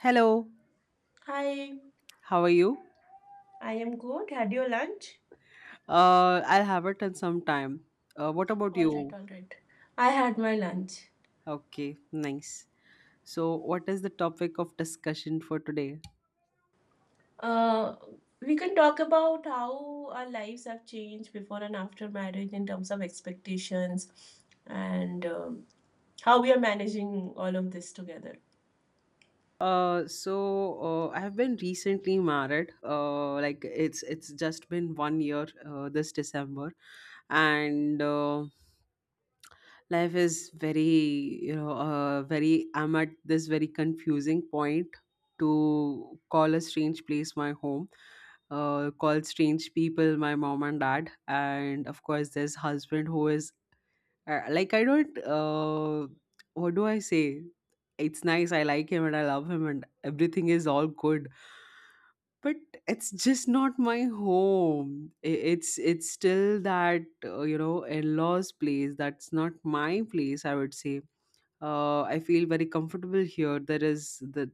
Hello, Hi, how are you? I am good. Had your lunch? I'll have it in some time. What about All right, you? all right. I had my lunch. Okay, nice. So, what is the topic of discussion for today? Uh, we can talk about how our lives have changed before and after marriage in terms of expectations and how we are managing all of this together. So, I have been recently married. Like it's just been 1 year this December, and life is very, very, I'm at this very confusing point, to call a strange place my home, call strange people my mom and dad, and of course there's husband who is, like, I don't, what do I say? It's nice, I like him and I love him and everything is all good, but it's just not my home. It's still that, in-laws place, that's not my place, I would say. I feel very comfortable here. There is that.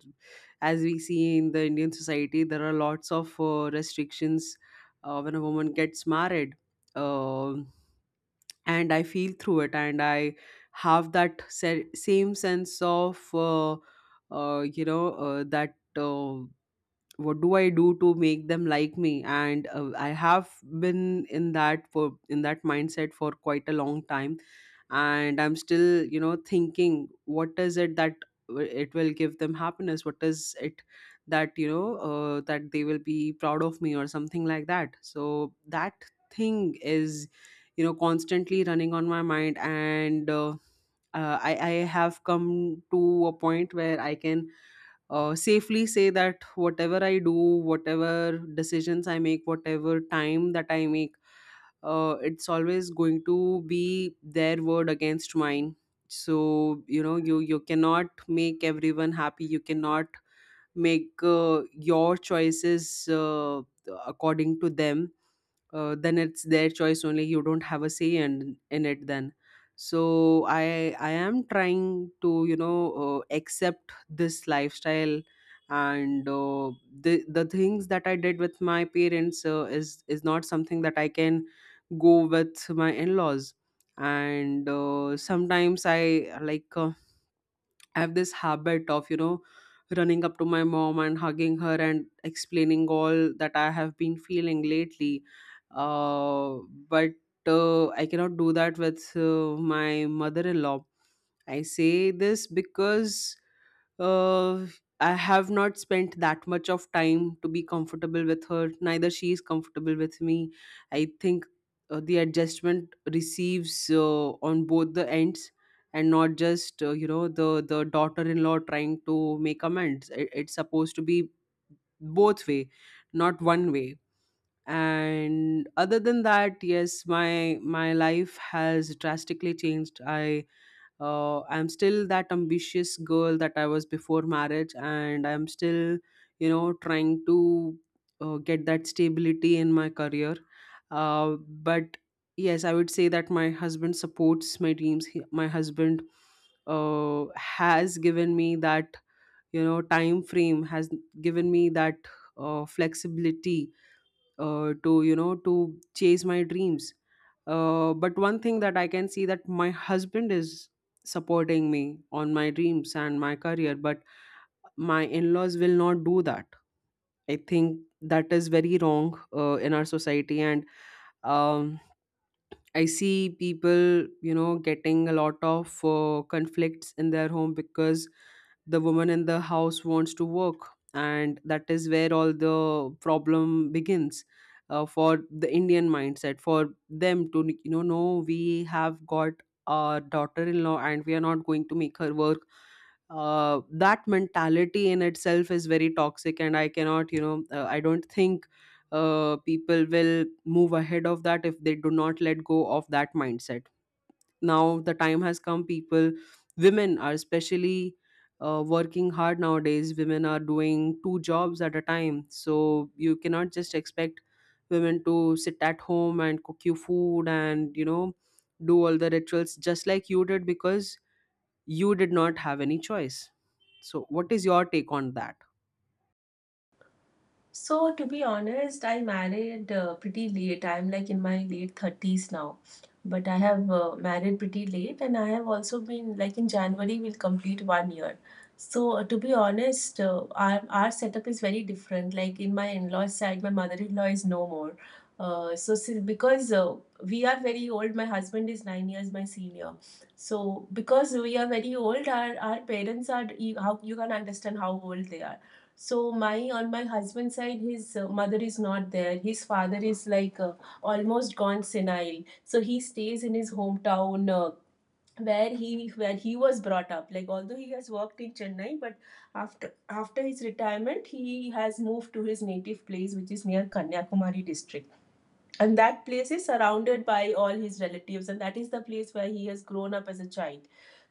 As we see in the Indian society, there are lots of restrictions when a woman gets married. Um and I feel through it, and I have that same sense of, uh, that. What do I do to make them like me? And I have been in that, for in that mindset for quite a long time, and I'm still, thinking, what is it that it will give them happiness, what is it that, that they will be proud of me or something like that? So that thing is, constantly running on my mind, and I have come to a point where I can safely say that whatever I do, whatever decisions I make, whatever time that I make, it's always going to be their word against mine. So, you cannot make everyone happy. You cannot make your choices according to them. Then it's their choice only, you don't have a say in it then. So I am trying to, accept this lifestyle, and the things that I did with my parents, is not something that I can go with my in-laws. And sometimes I, like, I have this habit of, you know, running up to my mom and hugging her and explaining all that I have been feeling lately. Uh, but I cannot do that with my mother in law. I say this because uh, I have not spent that much of time to be comfortable with her. Neither she is comfortable with me. I think the adjustment receives on both the ends, and not just, the daughter-in-law trying to make amends. It's supposed to be both way, not one way. And other than that, yes, my life has drastically changed. I'm still that ambitious girl that I was before marriage, and I'm still, trying to get that stability in my career, uh, but yes, I would say that my husband supports my dreams. My husband has given me that, time frame, has given me that flexibility to, to chase my dreams. But one thing that I can see, that my husband is supporting me on my dreams and my career, but my in-laws will not do that. I think that is very wrong in our society. And um, I see people, you know, getting a lot of conflicts in their home because the woman in the house wants to work, and that is where all the problem begins. For the Indian mindset, for them to, you know, no, we have got our daughter-in-law, and we are not going to make her work. That mentality in itself is very toxic, and I cannot, I don't think people will move ahead of that if they do not let go of that mindset. Now the time has come. People, women, are especially working hard nowadays. Women are doing two jobs at a time, so you cannot just expect women to sit at home and cook you food and, do all the rituals just like you did, because you did not have any choice. So, what is your take on that? So, to be honest, I married pretty late. I'm like in my late 30s now. But I have married pretty late, and I have also been like in January, we'll complete one year. So, to be honest, our setup is very different. Like in my in laws side, my mother in law is no more. So, because we are very old, my husband is 9 years my senior. So, because we are very old, our parents are, you, how, you can understand how old they are. So my on my husband's side, his mother is not there. His father is like almost gone senile. So he stays in his hometown where he was brought up. Like although he has worked in Chennai, but after his retirement, he has moved to his native place, which is near Kanyakumari district, and that place is surrounded by all his relatives, and that is the place where he has grown up as a child.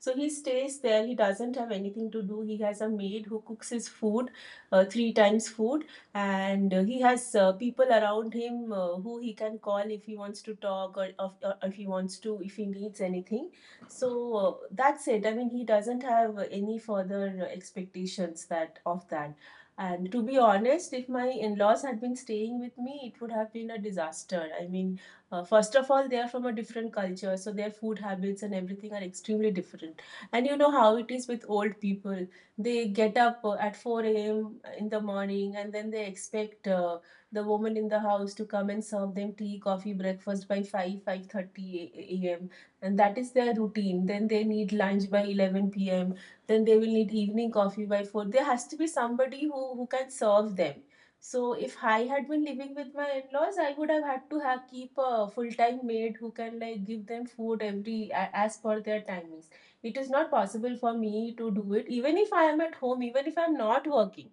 So he stays there, he doesn't have anything to do. He has a maid who cooks his food, three times food, and he has people around him who he can call if he wants to talk or if he wants to, if he needs anything. So uh, that's it. I mean he doesn't have any further expectations that of that. And to be honest, if my in laws had been staying with me, it would have been a disaster. I mean, first of all, they are from a different culture, so their food habits and everything are extremely different. And you know how it is with old people. They get up at 4 a.m. in the morning, and then they expect the woman in the house to come and serve them tea, coffee, breakfast by 5, 5:30 a.m. And that is their routine. Then they need lunch by 11 p.m. Then they will need evening coffee by 4. There has to be somebody who can serve them. So if I had been living with my in-laws, I would have had to have keep a full-time maid who can like give them food every, as per their timings. It is not possible for me to do it, even if I am at home, even if I'm not working,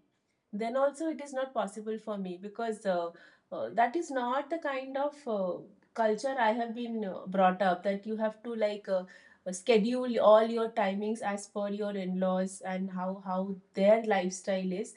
then also it is not possible for me, because that is not the kind of culture I have been brought up, that you have to like schedule all your timings as per your in-laws and how their lifestyle is.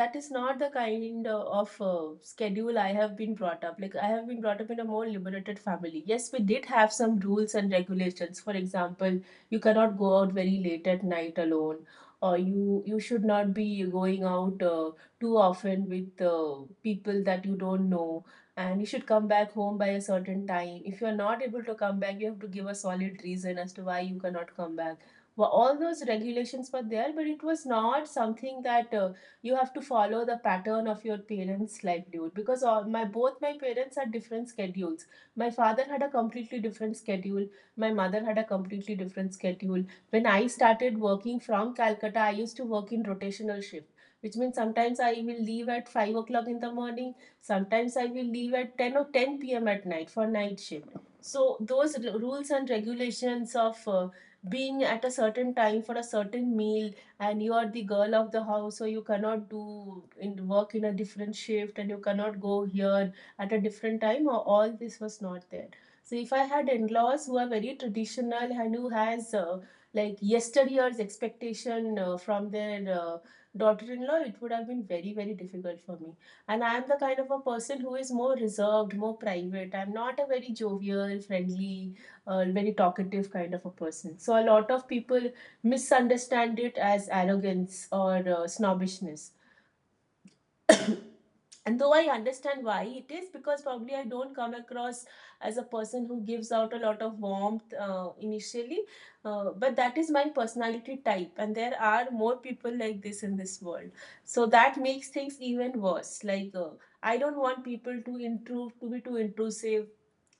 That is not the kind of schedule I have been brought up. Like I have been brought up in a more liberated family. Yes, we did have some rules and regulations. For example, you cannot go out very late at night alone, or you should not be going out too often with people that you don't know, and you should come back home by a certain time. If you are not able to come back, you have to give a solid reason as to why you cannot come back. Well, all those regulations were there, but it was not something that you have to follow the pattern of your parents livelihood, because all my both my parents had different schedules. My father had a completely different schedule. My mother had a completely different schedule. When I started working from Calcutta, I used to work in rotational shifts, which means sometimes I will leave at 5 o'clock in the morning, sometimes I will leave at 10 or 10 p.m. at night for night shift. So, those rules and regulations of being at a certain time for a certain meal, and you are the girl of the house, so you cannot do work in a different shift, and you cannot go here at a different time, or all this was not there. So, if I had in laws who are very traditional and who has like yesteryear's expectation from their daughter-in-law, it would have been very, very difficult for me. And I am the kind of a person who is more reserved, more private. I'm not a very jovial, friendly, very talkative kind of a person. So a lot of people misunderstand it as arrogance or snobbishness, and though I understand why it is, because probably I don't come across as a person who gives out a lot of warmth initially, but that is my personality type, and there are more people like this in this world. So that makes things even worse. Like I don't want people to intrude, to be too intrusive.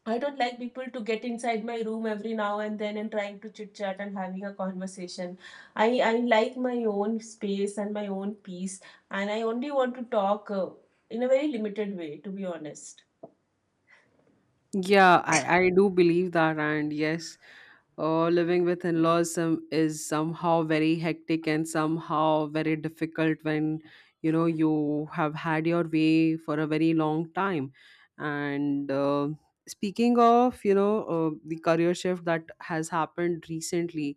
I don't like people to get inside my room every now and then and trying to chit chat and having a conversation. I like my own space and my own peace, and I only want to talk in a very limited way, to be honest. Yeah, I do believe that. And yes, living with in laws some, is somehow very hectic and somehow very difficult when, you have had your way for a very long time. And speaking of, you know, the career shift that has happened recently,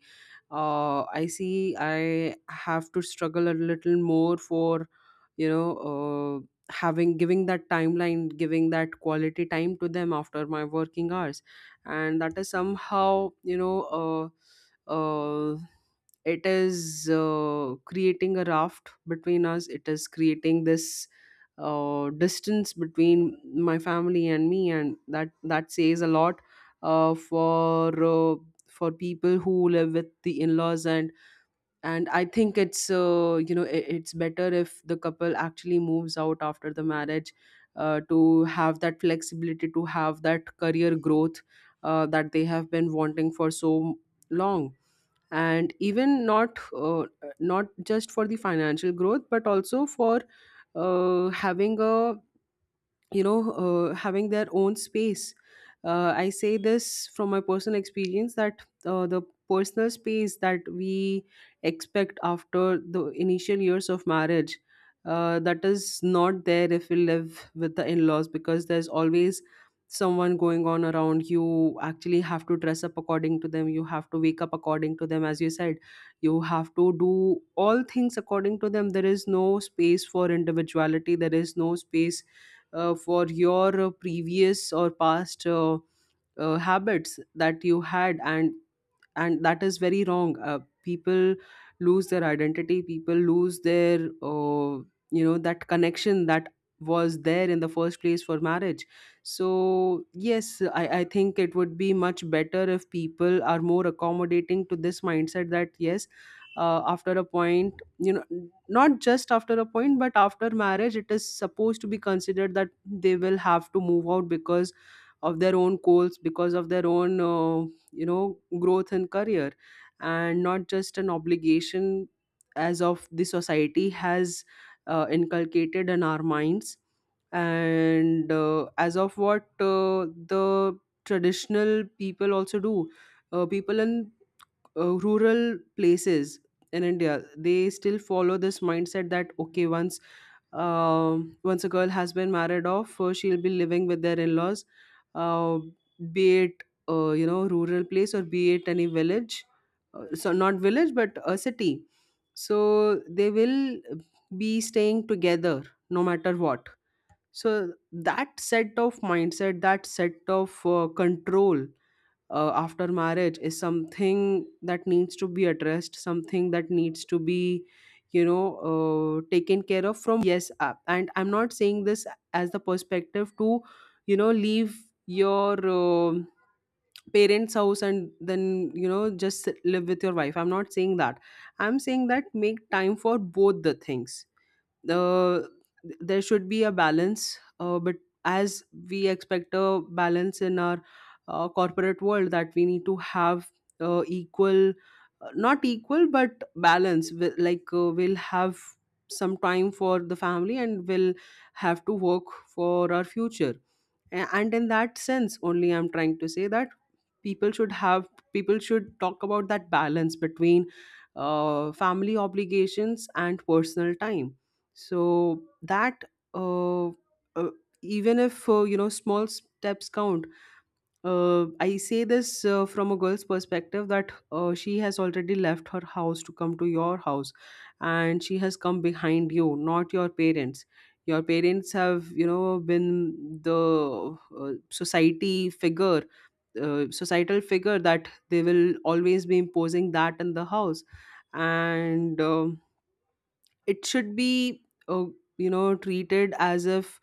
I see I have to struggle a little more for, you know uh, having giving that timeline, giving that quality time to them after my working hours, and that is somehow, uh, it is creating a raft between us. It is creating this distance between my family and me, and that says a lot for. For people who live with the in-laws, and I think it's, you know I it's better if the couple actually moves out after the marriage, to have that flexibility, to have that career growth that they have been wanting for so long, and even not, uh, not just for the financial growth, but also for having a, having their own space. I say this from my personal experience, that the personal space that we expect after the initial years of marriage, that is not there if we live with the in-laws, because there's always someone going on around you, actually have to dress up according to them, you have to wake up according to them, as you said. You have to do all things according to them. There is no space for individuality, there is no space for your previous or past, habits that you had, and that is very wrong. People lose their identity, people lose their, uh, that connection that was there in the first place for marriage. So yes, I think it would be much better if people are more accommodating to this mindset, that yes, after a point, not just after a point, but after marriage it is supposed to be considered that they will have to move out, because of their own goals, because of their own, growth and career, and not just an obligation as of the society has inculcated in our minds, and as of what the traditional people also do. People in rural places in India, they still follow this mindset that, okay, once, once a girl has been married off, she'll be living with their in-laws, uh, be it, rural place or be it any village, so not village but a city. So they will be staying together no matter what. So that set of mindset, that set of control after marriage, is something that needs to be addressed, something that needs to be, taken care of from yes up. And I'm not saying this as the perspective to, you know, leave your, parents house, and then, you know, just live with your wife. I'm not saying that. I'm saying that make time for both the things. the there should be a balance, but as we expect a balance in our corporate world, that we need to have equal, not equal but balance. Like, we'll have some time for the family, and we'll have to work for our future, and in that sense only, I'm trying to say that people should have, people should talk about that balance between family obligations and personal time, so that, uh, uh, even if, small steps count. I say this from a girl's perspective, that she has already left her house to come to your house, and she has come behind you, not your parents. Your parents have, you know, been the society figure, societal figure, that they will always be imposing that in the house, and It should be treated as if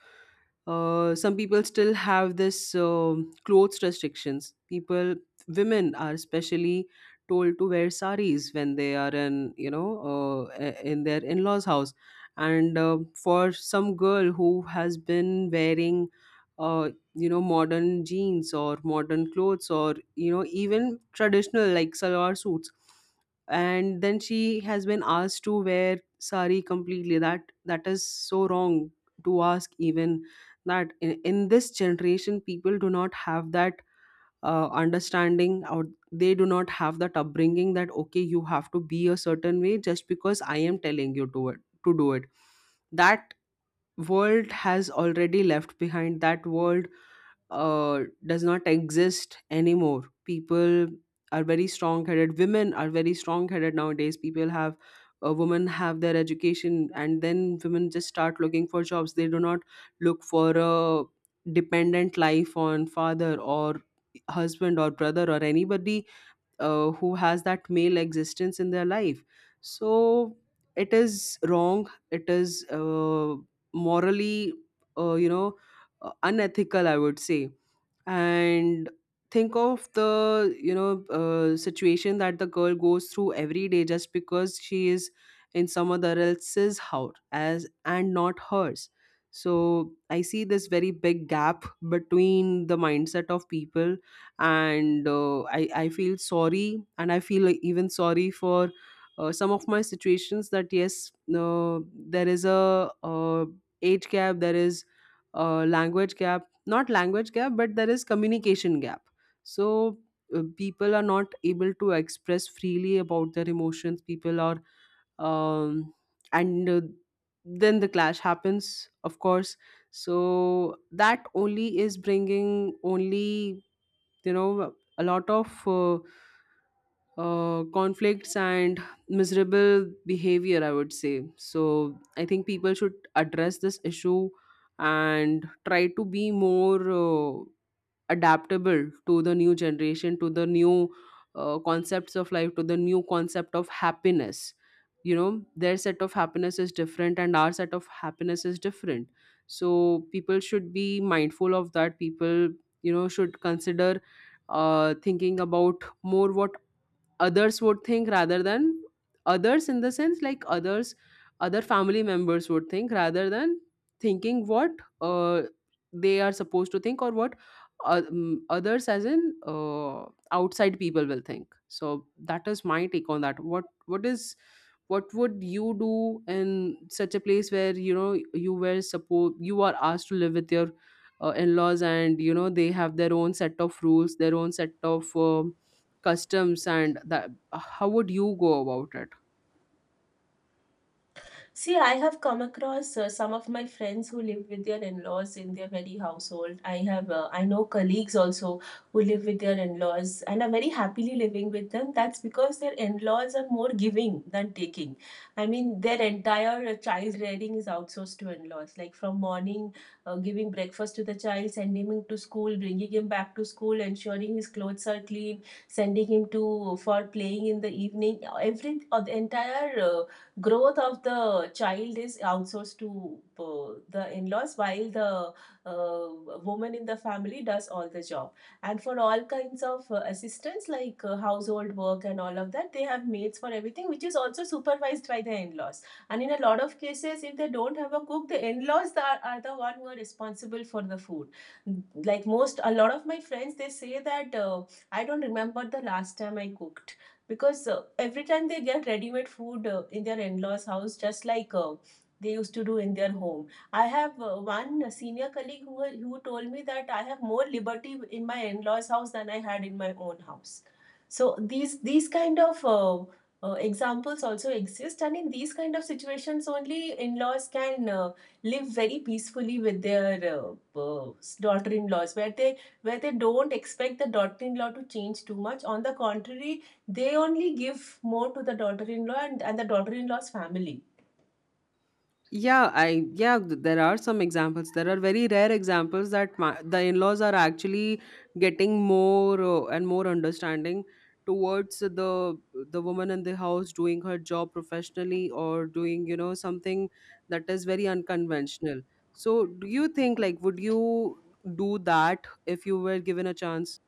some people still have this clothes restrictions people women are especially told to wear saris when they are in in their in-laws house. And for some girl who has been wearing uh, modern jeans or modern clothes or even traditional like salwar suits, and then she has been asked to wear sari completely, that is so wrong to ask. Even that in this generation, people do not have that understanding, or they do not have that upbringing that okay, you have to be a certain way just because I am telling you to it to do it. That world has already left behind. That world uh, does not exist anymore. People are very strong-headed. Women are very strong-headed nowadays. People have women have their education, and then women just start looking for jobs. They do not look for a dependent life on father or husband or brother or anybody who has that male existence in their life. So it is wrong. It is morally, uh, you know, unethical, I would say. And think of the situation that the girl goes through every day just because she is in someone else's house as, and not hers. So I see this very big gap between the mindset of people. And I feel sorry, and I feel even sorry for some of my situations. That yes, there is a, age gap, there is a language gap, not language gap, but there is communication gap. So people are not able to express freely about their emotions. People are um, and then the clash happens, of course. So that only is bringing only a lot of conflicts and miserable behavior, I would say. So I think people should address this issue and try to be more adaptable to the new generation, to the new concepts of life, to the new concept of happiness. You know, their set of happiness is different and our set of happiness is different. So people should be mindful of that. People should consider thinking about more what others would think, rather than others in the sense, like others, other family members would think rather than thinking what uh, they are supposed to think, or what others as in outside people will think. So that is my take on that. What would you do in such a place where you know you were supposed you are asked to live with your in-laws, and you know they have their own set of rules, their own set of customs, and that, how would you go about it? See, I have come across some of my friends who live with their in-laws in their very household. I know colleagues also who live with their in-laws and are very happily living with them. That's because their in-laws are more giving than taking. I mean, their entire child rearing is outsourced to in-laws. Like from morning, giving breakfast to the child, sending him to school, bringing him back to school, ensuring his clothes are clean, sending him to for playing in the evening. The entire growth of the child is outsourced to the in-laws, while the woman in the family does all the job. And for all kinds of assistance, like household work and all of that, they have maids for everything, which is also supervised by the in-laws. And in a lot of cases, if they don't have a cook, the in-laws are the one who are responsible for the food. Like most, a lot of my friends, they say that I don't remember the last time I cooked, because every time they get ready-made food in their in-laws house, just like they used to do in their home. I have one senior colleague who told me that I have more liberty in my in-laws house than I had in my own house. So these kind of examples also exist, and in these kind of situations only in-laws can live very peacefully with their uh, uh, daughter-in-laws, where they don't expect the daughter-in-law to change too much. On the contrary, they only give more to the daughter-in-law and the daughter-in-law's family. Yeah, I, yeah, there are some examples, there are very rare examples that my, the in-laws are actually getting more and more understanding towards the woman in the house doing her job professionally, or doing you know something that is very unconventional. So do you think like, would you do that if you were given a chance?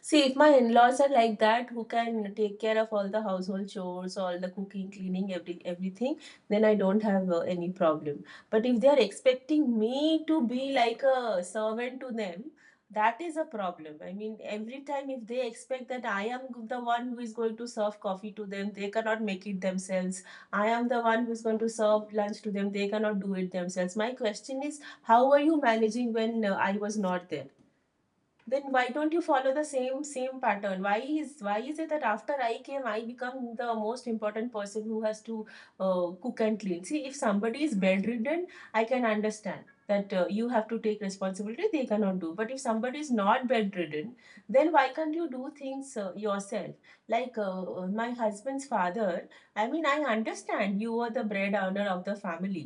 See, if my in-laws are like that, who can take care of all the household chores, all the cooking, cleaning, everything, then I don't have any problem. But if they are expecting me to be like a servant to them, that is a problem. I mean, every time if they expect that I am the one who is going to serve coffee to them, they cannot make it themselves. I am the one who is going to serve lunch to them, they cannot do it themselves. My question is, how were you managing when I was not there? Then why don't you follow the same pattern? Why is it that after I came I become the most important person who has to cook and clean? See, if somebody is bedridden, I can understand that you have to take responsibility, they cannot do. But if somebody is not bedridden, then why can't you do things yourself? Like my husband's father, I mean, I understand you are the bread owner of the family,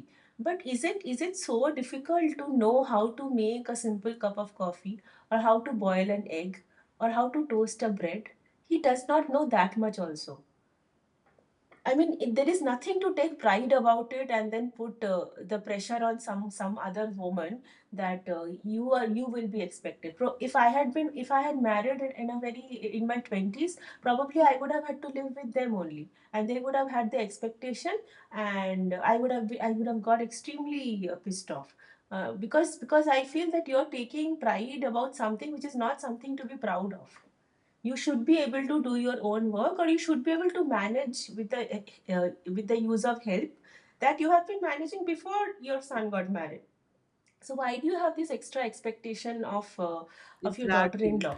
but is it so difficult to know how to make a simple cup of coffee, or how to boil an egg, or how to toast a bread? He does not know that much also. I mean, there is nothing to take pride about it, and then put the pressure on some other woman that you will be expected. If I had married in a very in my 20s, probably I would have had to live with them only, and they would have had the expectation, and I would have got extremely pissed off. Because I feel that you're taking pride about something which is not something to be proud of. You should be able to do your own work, or you should be able to manage uh, with the use of help that you have been managing before your son got married. So why do you have this extra expectation of your Exactly. daughter-in-law,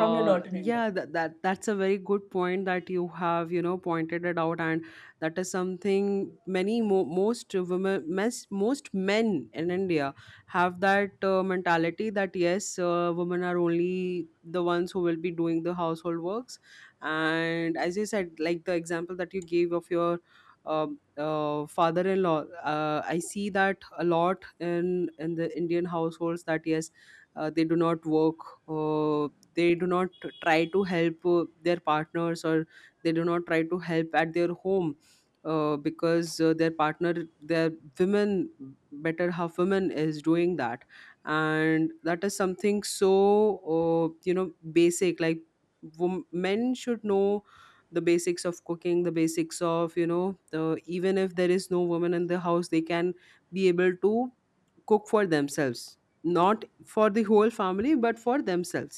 from your daughter-in-law? Yeah, that's a very good point that you have, you know, pointed it out. And that is something, many most women, most men in India have that mentality that yes, women are only the ones who will be doing the household works. And as you said, like the example that you gave of your father-in-law, I see that a lot in the Indian households, that yes, they do not work, uh, they do not try to help their partners, or they do not try to help at their home, because their partner, their women, better half, women is doing that. And that is something so basic, like men should know the basics of cooking, the basics of you know the, even if there is no woman in the house, they can be able to cook for themselves, not for the whole family, but for themselves.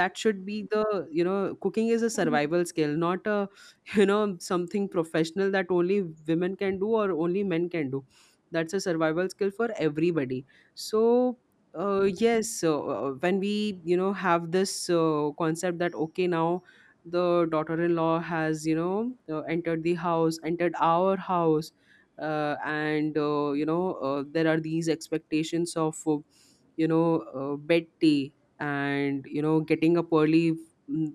That should be the, you know, cooking is a survival skill, not a you know something professional that only women can do or only men can do. That's a survival skill for everybody. So yes, when we, you know, have this concept that okay, now the daughter-in-law has, you know, entered the house, entered our house, and you know, there are these expectations of, you know, bed tea, and, you know, getting up early, mm,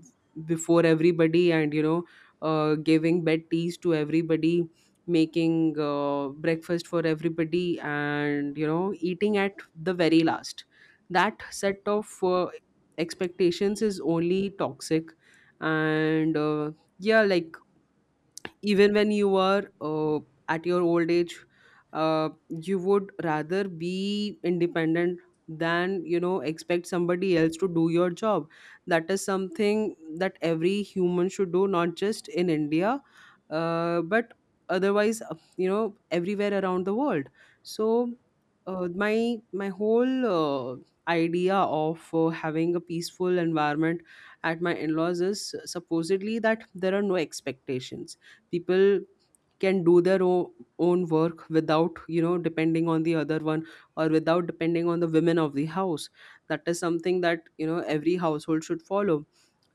before everybody, and, you know, giving bed teas to everybody, making breakfast for everybody, and, you know, eating at the very last. That set of expectations is only toxic. And Yeah, like, even when you are at your old age, you would rather be independent than, you know, expect somebody else to do your job. That is something that every human should do, not just in India, but otherwise, you know, everywhere around the world. So my whole idea of having a peaceful environment at my in-laws is supposedly that there are no expectations. People can do their own work without, you know, depending on the other one, or without depending on the women of the house. That is something that, you know, every household should follow.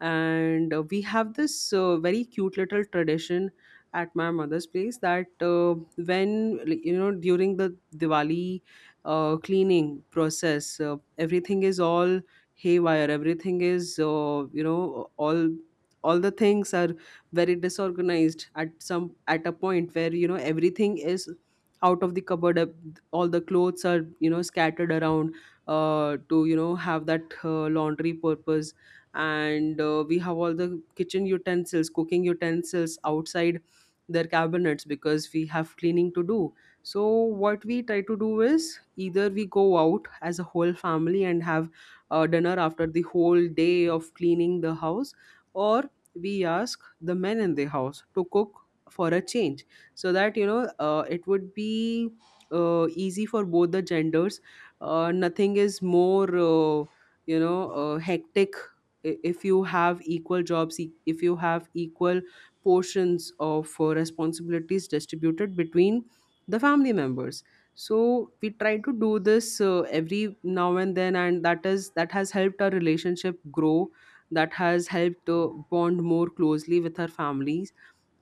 And we have this very cute little tradition at my mother's place, that when, like, you know, during the Diwali cleaning process, everything is all haywire, everything is, you know, all the things are very disorganized at some, at a point where, you know, everything is out of the cupboard, all the clothes are, you know, scattered around to, you know, have that laundry purpose. And we have all the kitchen utensils, cooking utensils outside their cabinets because we have cleaning to do. So what we try to do is either we go out as a whole family and have dinner after the whole day of cleaning the house, or we ask the men in the house to cook for a change, so that, you know, it would be easy for both the genders. Nothing is more hectic if you have equal jobs, if you have equal portions of responsibilities distributed between the family members. So we try to do this every now and then, and that is, that has helped our relationship grow. That has helped bond more closely with her families.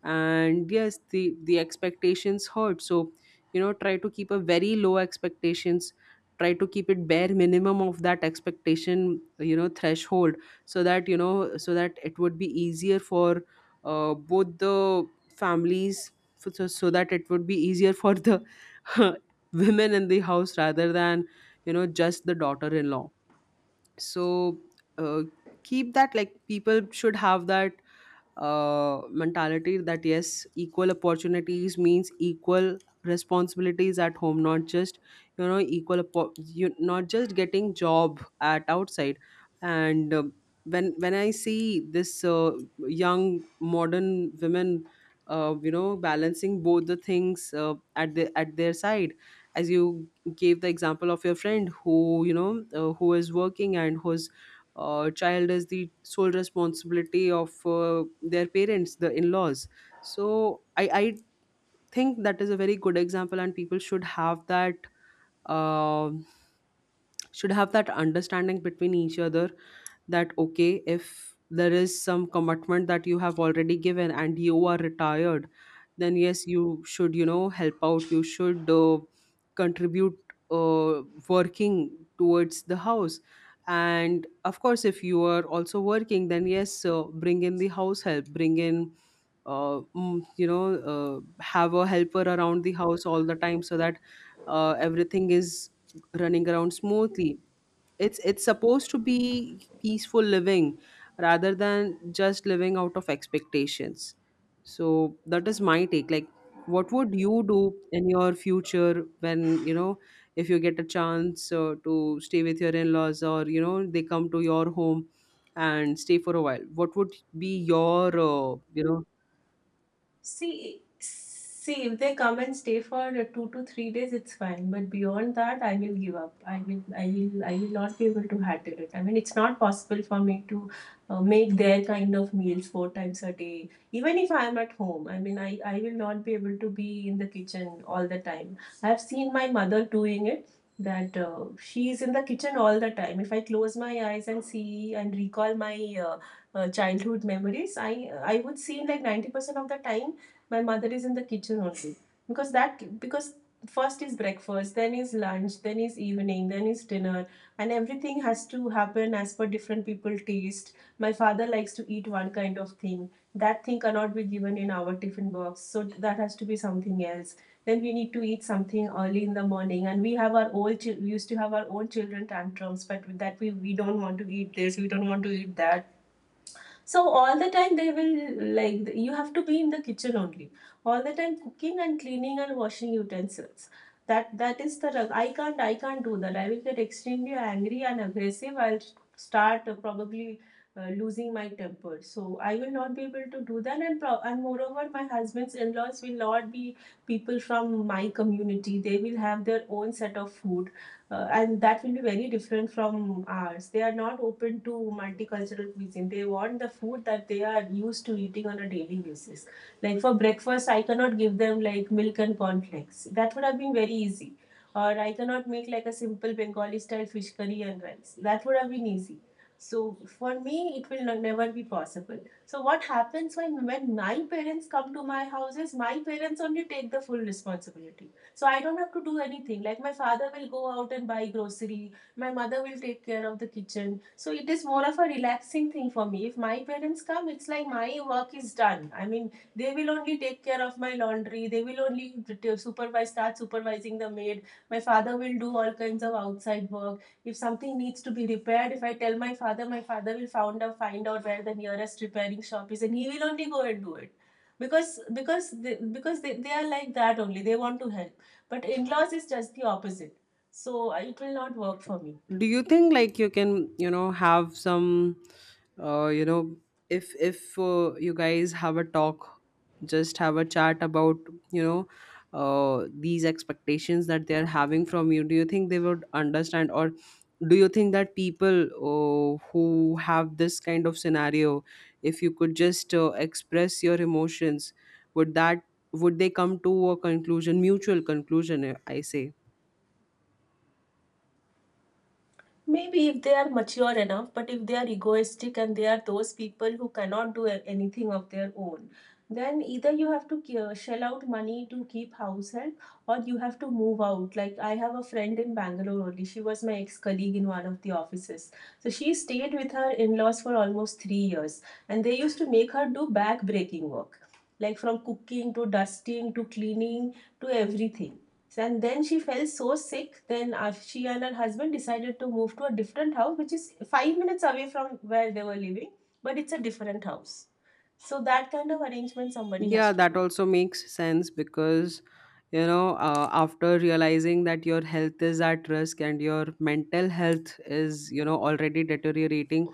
And yes, the expectations hurt, so, you know, try to keep a very low expectations, try to keep it bare minimum of that expectation, you know, threshold, so that, you know, so that it would be easier for both the families. So that it would be easier for the women in the house rather than, you know, just the daughter-in-law. So uh, keep that, like, people should have that mentality that yes, equal opportunities means equal responsibilities at home, not just, you know, you not just getting job at outside. And when I see this young modern women, you know, balancing both the things, at the at their side, as you gave the example of your friend who, you know, who is working, and who's child is the sole responsibility of their parents, the in-laws. So I think that is a very good example, and people uh should have that understanding between each other, that okay, if there is some commitment that you have already given and you are retired, then yes, you should, you know, help out, you should contribute uh, working towards the house. And of course, if you are also working, then yes, bring in the house help, bring in you know, have a helper around the house all the time, so that everything is running around smoothly. It's supposed to be peaceful living rather than just living out of expectations. So that is my take. Like, what would you do in your future when, you know, if you get a chance to stay with your in-laws, or you know they come to your home and stay for a while, what would be your you know? See, see, if they come and stay for 2 to 3 days, it's fine. But beyond that, I will give up. I will not be able to handle it. I mean, it's not possible for me to make their kind of meals four times a day. Even if I am at home, I mean, I will not be able to be in the kitchen all the time. I have seen my mother doing it. That she is in the kitchen all the time. If I close my eyes and see and recall my uh, childhood memories, I would see like 90% of the time my mother is in the kitchen only, because that, because first is breakfast, then is lunch, then is evening, then is dinner. And everything has to happen as per different people taste. My father likes to eat one kind of thing. That thing cannot be given in our tiffin box, so that has to be something else. Then we need to eat something early in the morning, and we have our old we used to have our own children tantrums, but with that, we don't want to eat this, we don't want to eat that. So all the time they will like, you have to be in the kitchen only. All the time cooking and cleaning and washing utensils. That is the rug. I can't do that. I will get extremely angry and aggressive. I'll start probably losing my temper. So I will not be able to do that. And and moreover, my husband's in laws will not be people from my community. They will have their own set of food, and that will be very different from ours. They are not open to multicultural cuisine. They want the food that they are used to eating on a daily basis. Like for breakfast, I cannot give them like milk and cornflakes. That would have been very easy. Or I cannot make like a simple Bengali style fish curry and rice. That would have been easy. So for me, it will never be possible. So what happens when my parents come to my house is my parents only take the full responsibility, so I don't have to do anything. Like my father will go out and buy grocery. My mother will take care of the kitchen. So it is more of a relaxing thing for me. If my parents come, it's like my work is done. I mean, they will only take care of my laundry. They will only supervise, start supervising the maid. My father will do all kinds of outside work. If something needs to be repaired, if I tell my father will find out where the nearest repairing shop is, and he will only go and do it because they are like that only, they want to help. But in laws is just the opposite. So it will not work for me. Do you think like you can, you know, have some uh, you know if you guys have a talk, just have a chat about, you know, these expectations that they are having from you, do you think they would understand? Or do you think that people who have this kind of scenario, if you could just express your emotions, would that, would they come to a conclusion, mutual conclusion, I say? Maybe if they are mature enough. But if they are egoistic and they are those people who cannot do anything of their own, then either you have to shell out money to keep house help, or you have to move out. Like I have a friend in Bangalore only. She was my ex colleague in one of the offices. So she stayed with her in laws for almost 3 years, and they used to make her do back breaking work, like from cooking to dusting to cleaning to everything. And then she fell so sick. Then she and her husband decided to move to a different house, which is 5 minutes away from where they were living, but it's a different house. So that kind of arrangement somebody has Yeah, to that do. also makes sense because, you know, after realizing that your health is at risk and your mental health is, you know, already deteriorating,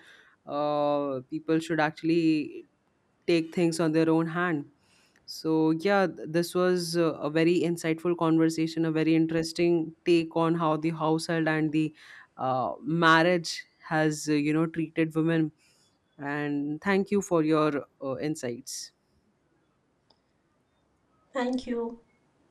people should actually take things on their own hand. So, yeah, this was a very insightful conversation, a very interesting take on how the household and the marriage has, you know, treated women. And thank you for your insights. Thank you.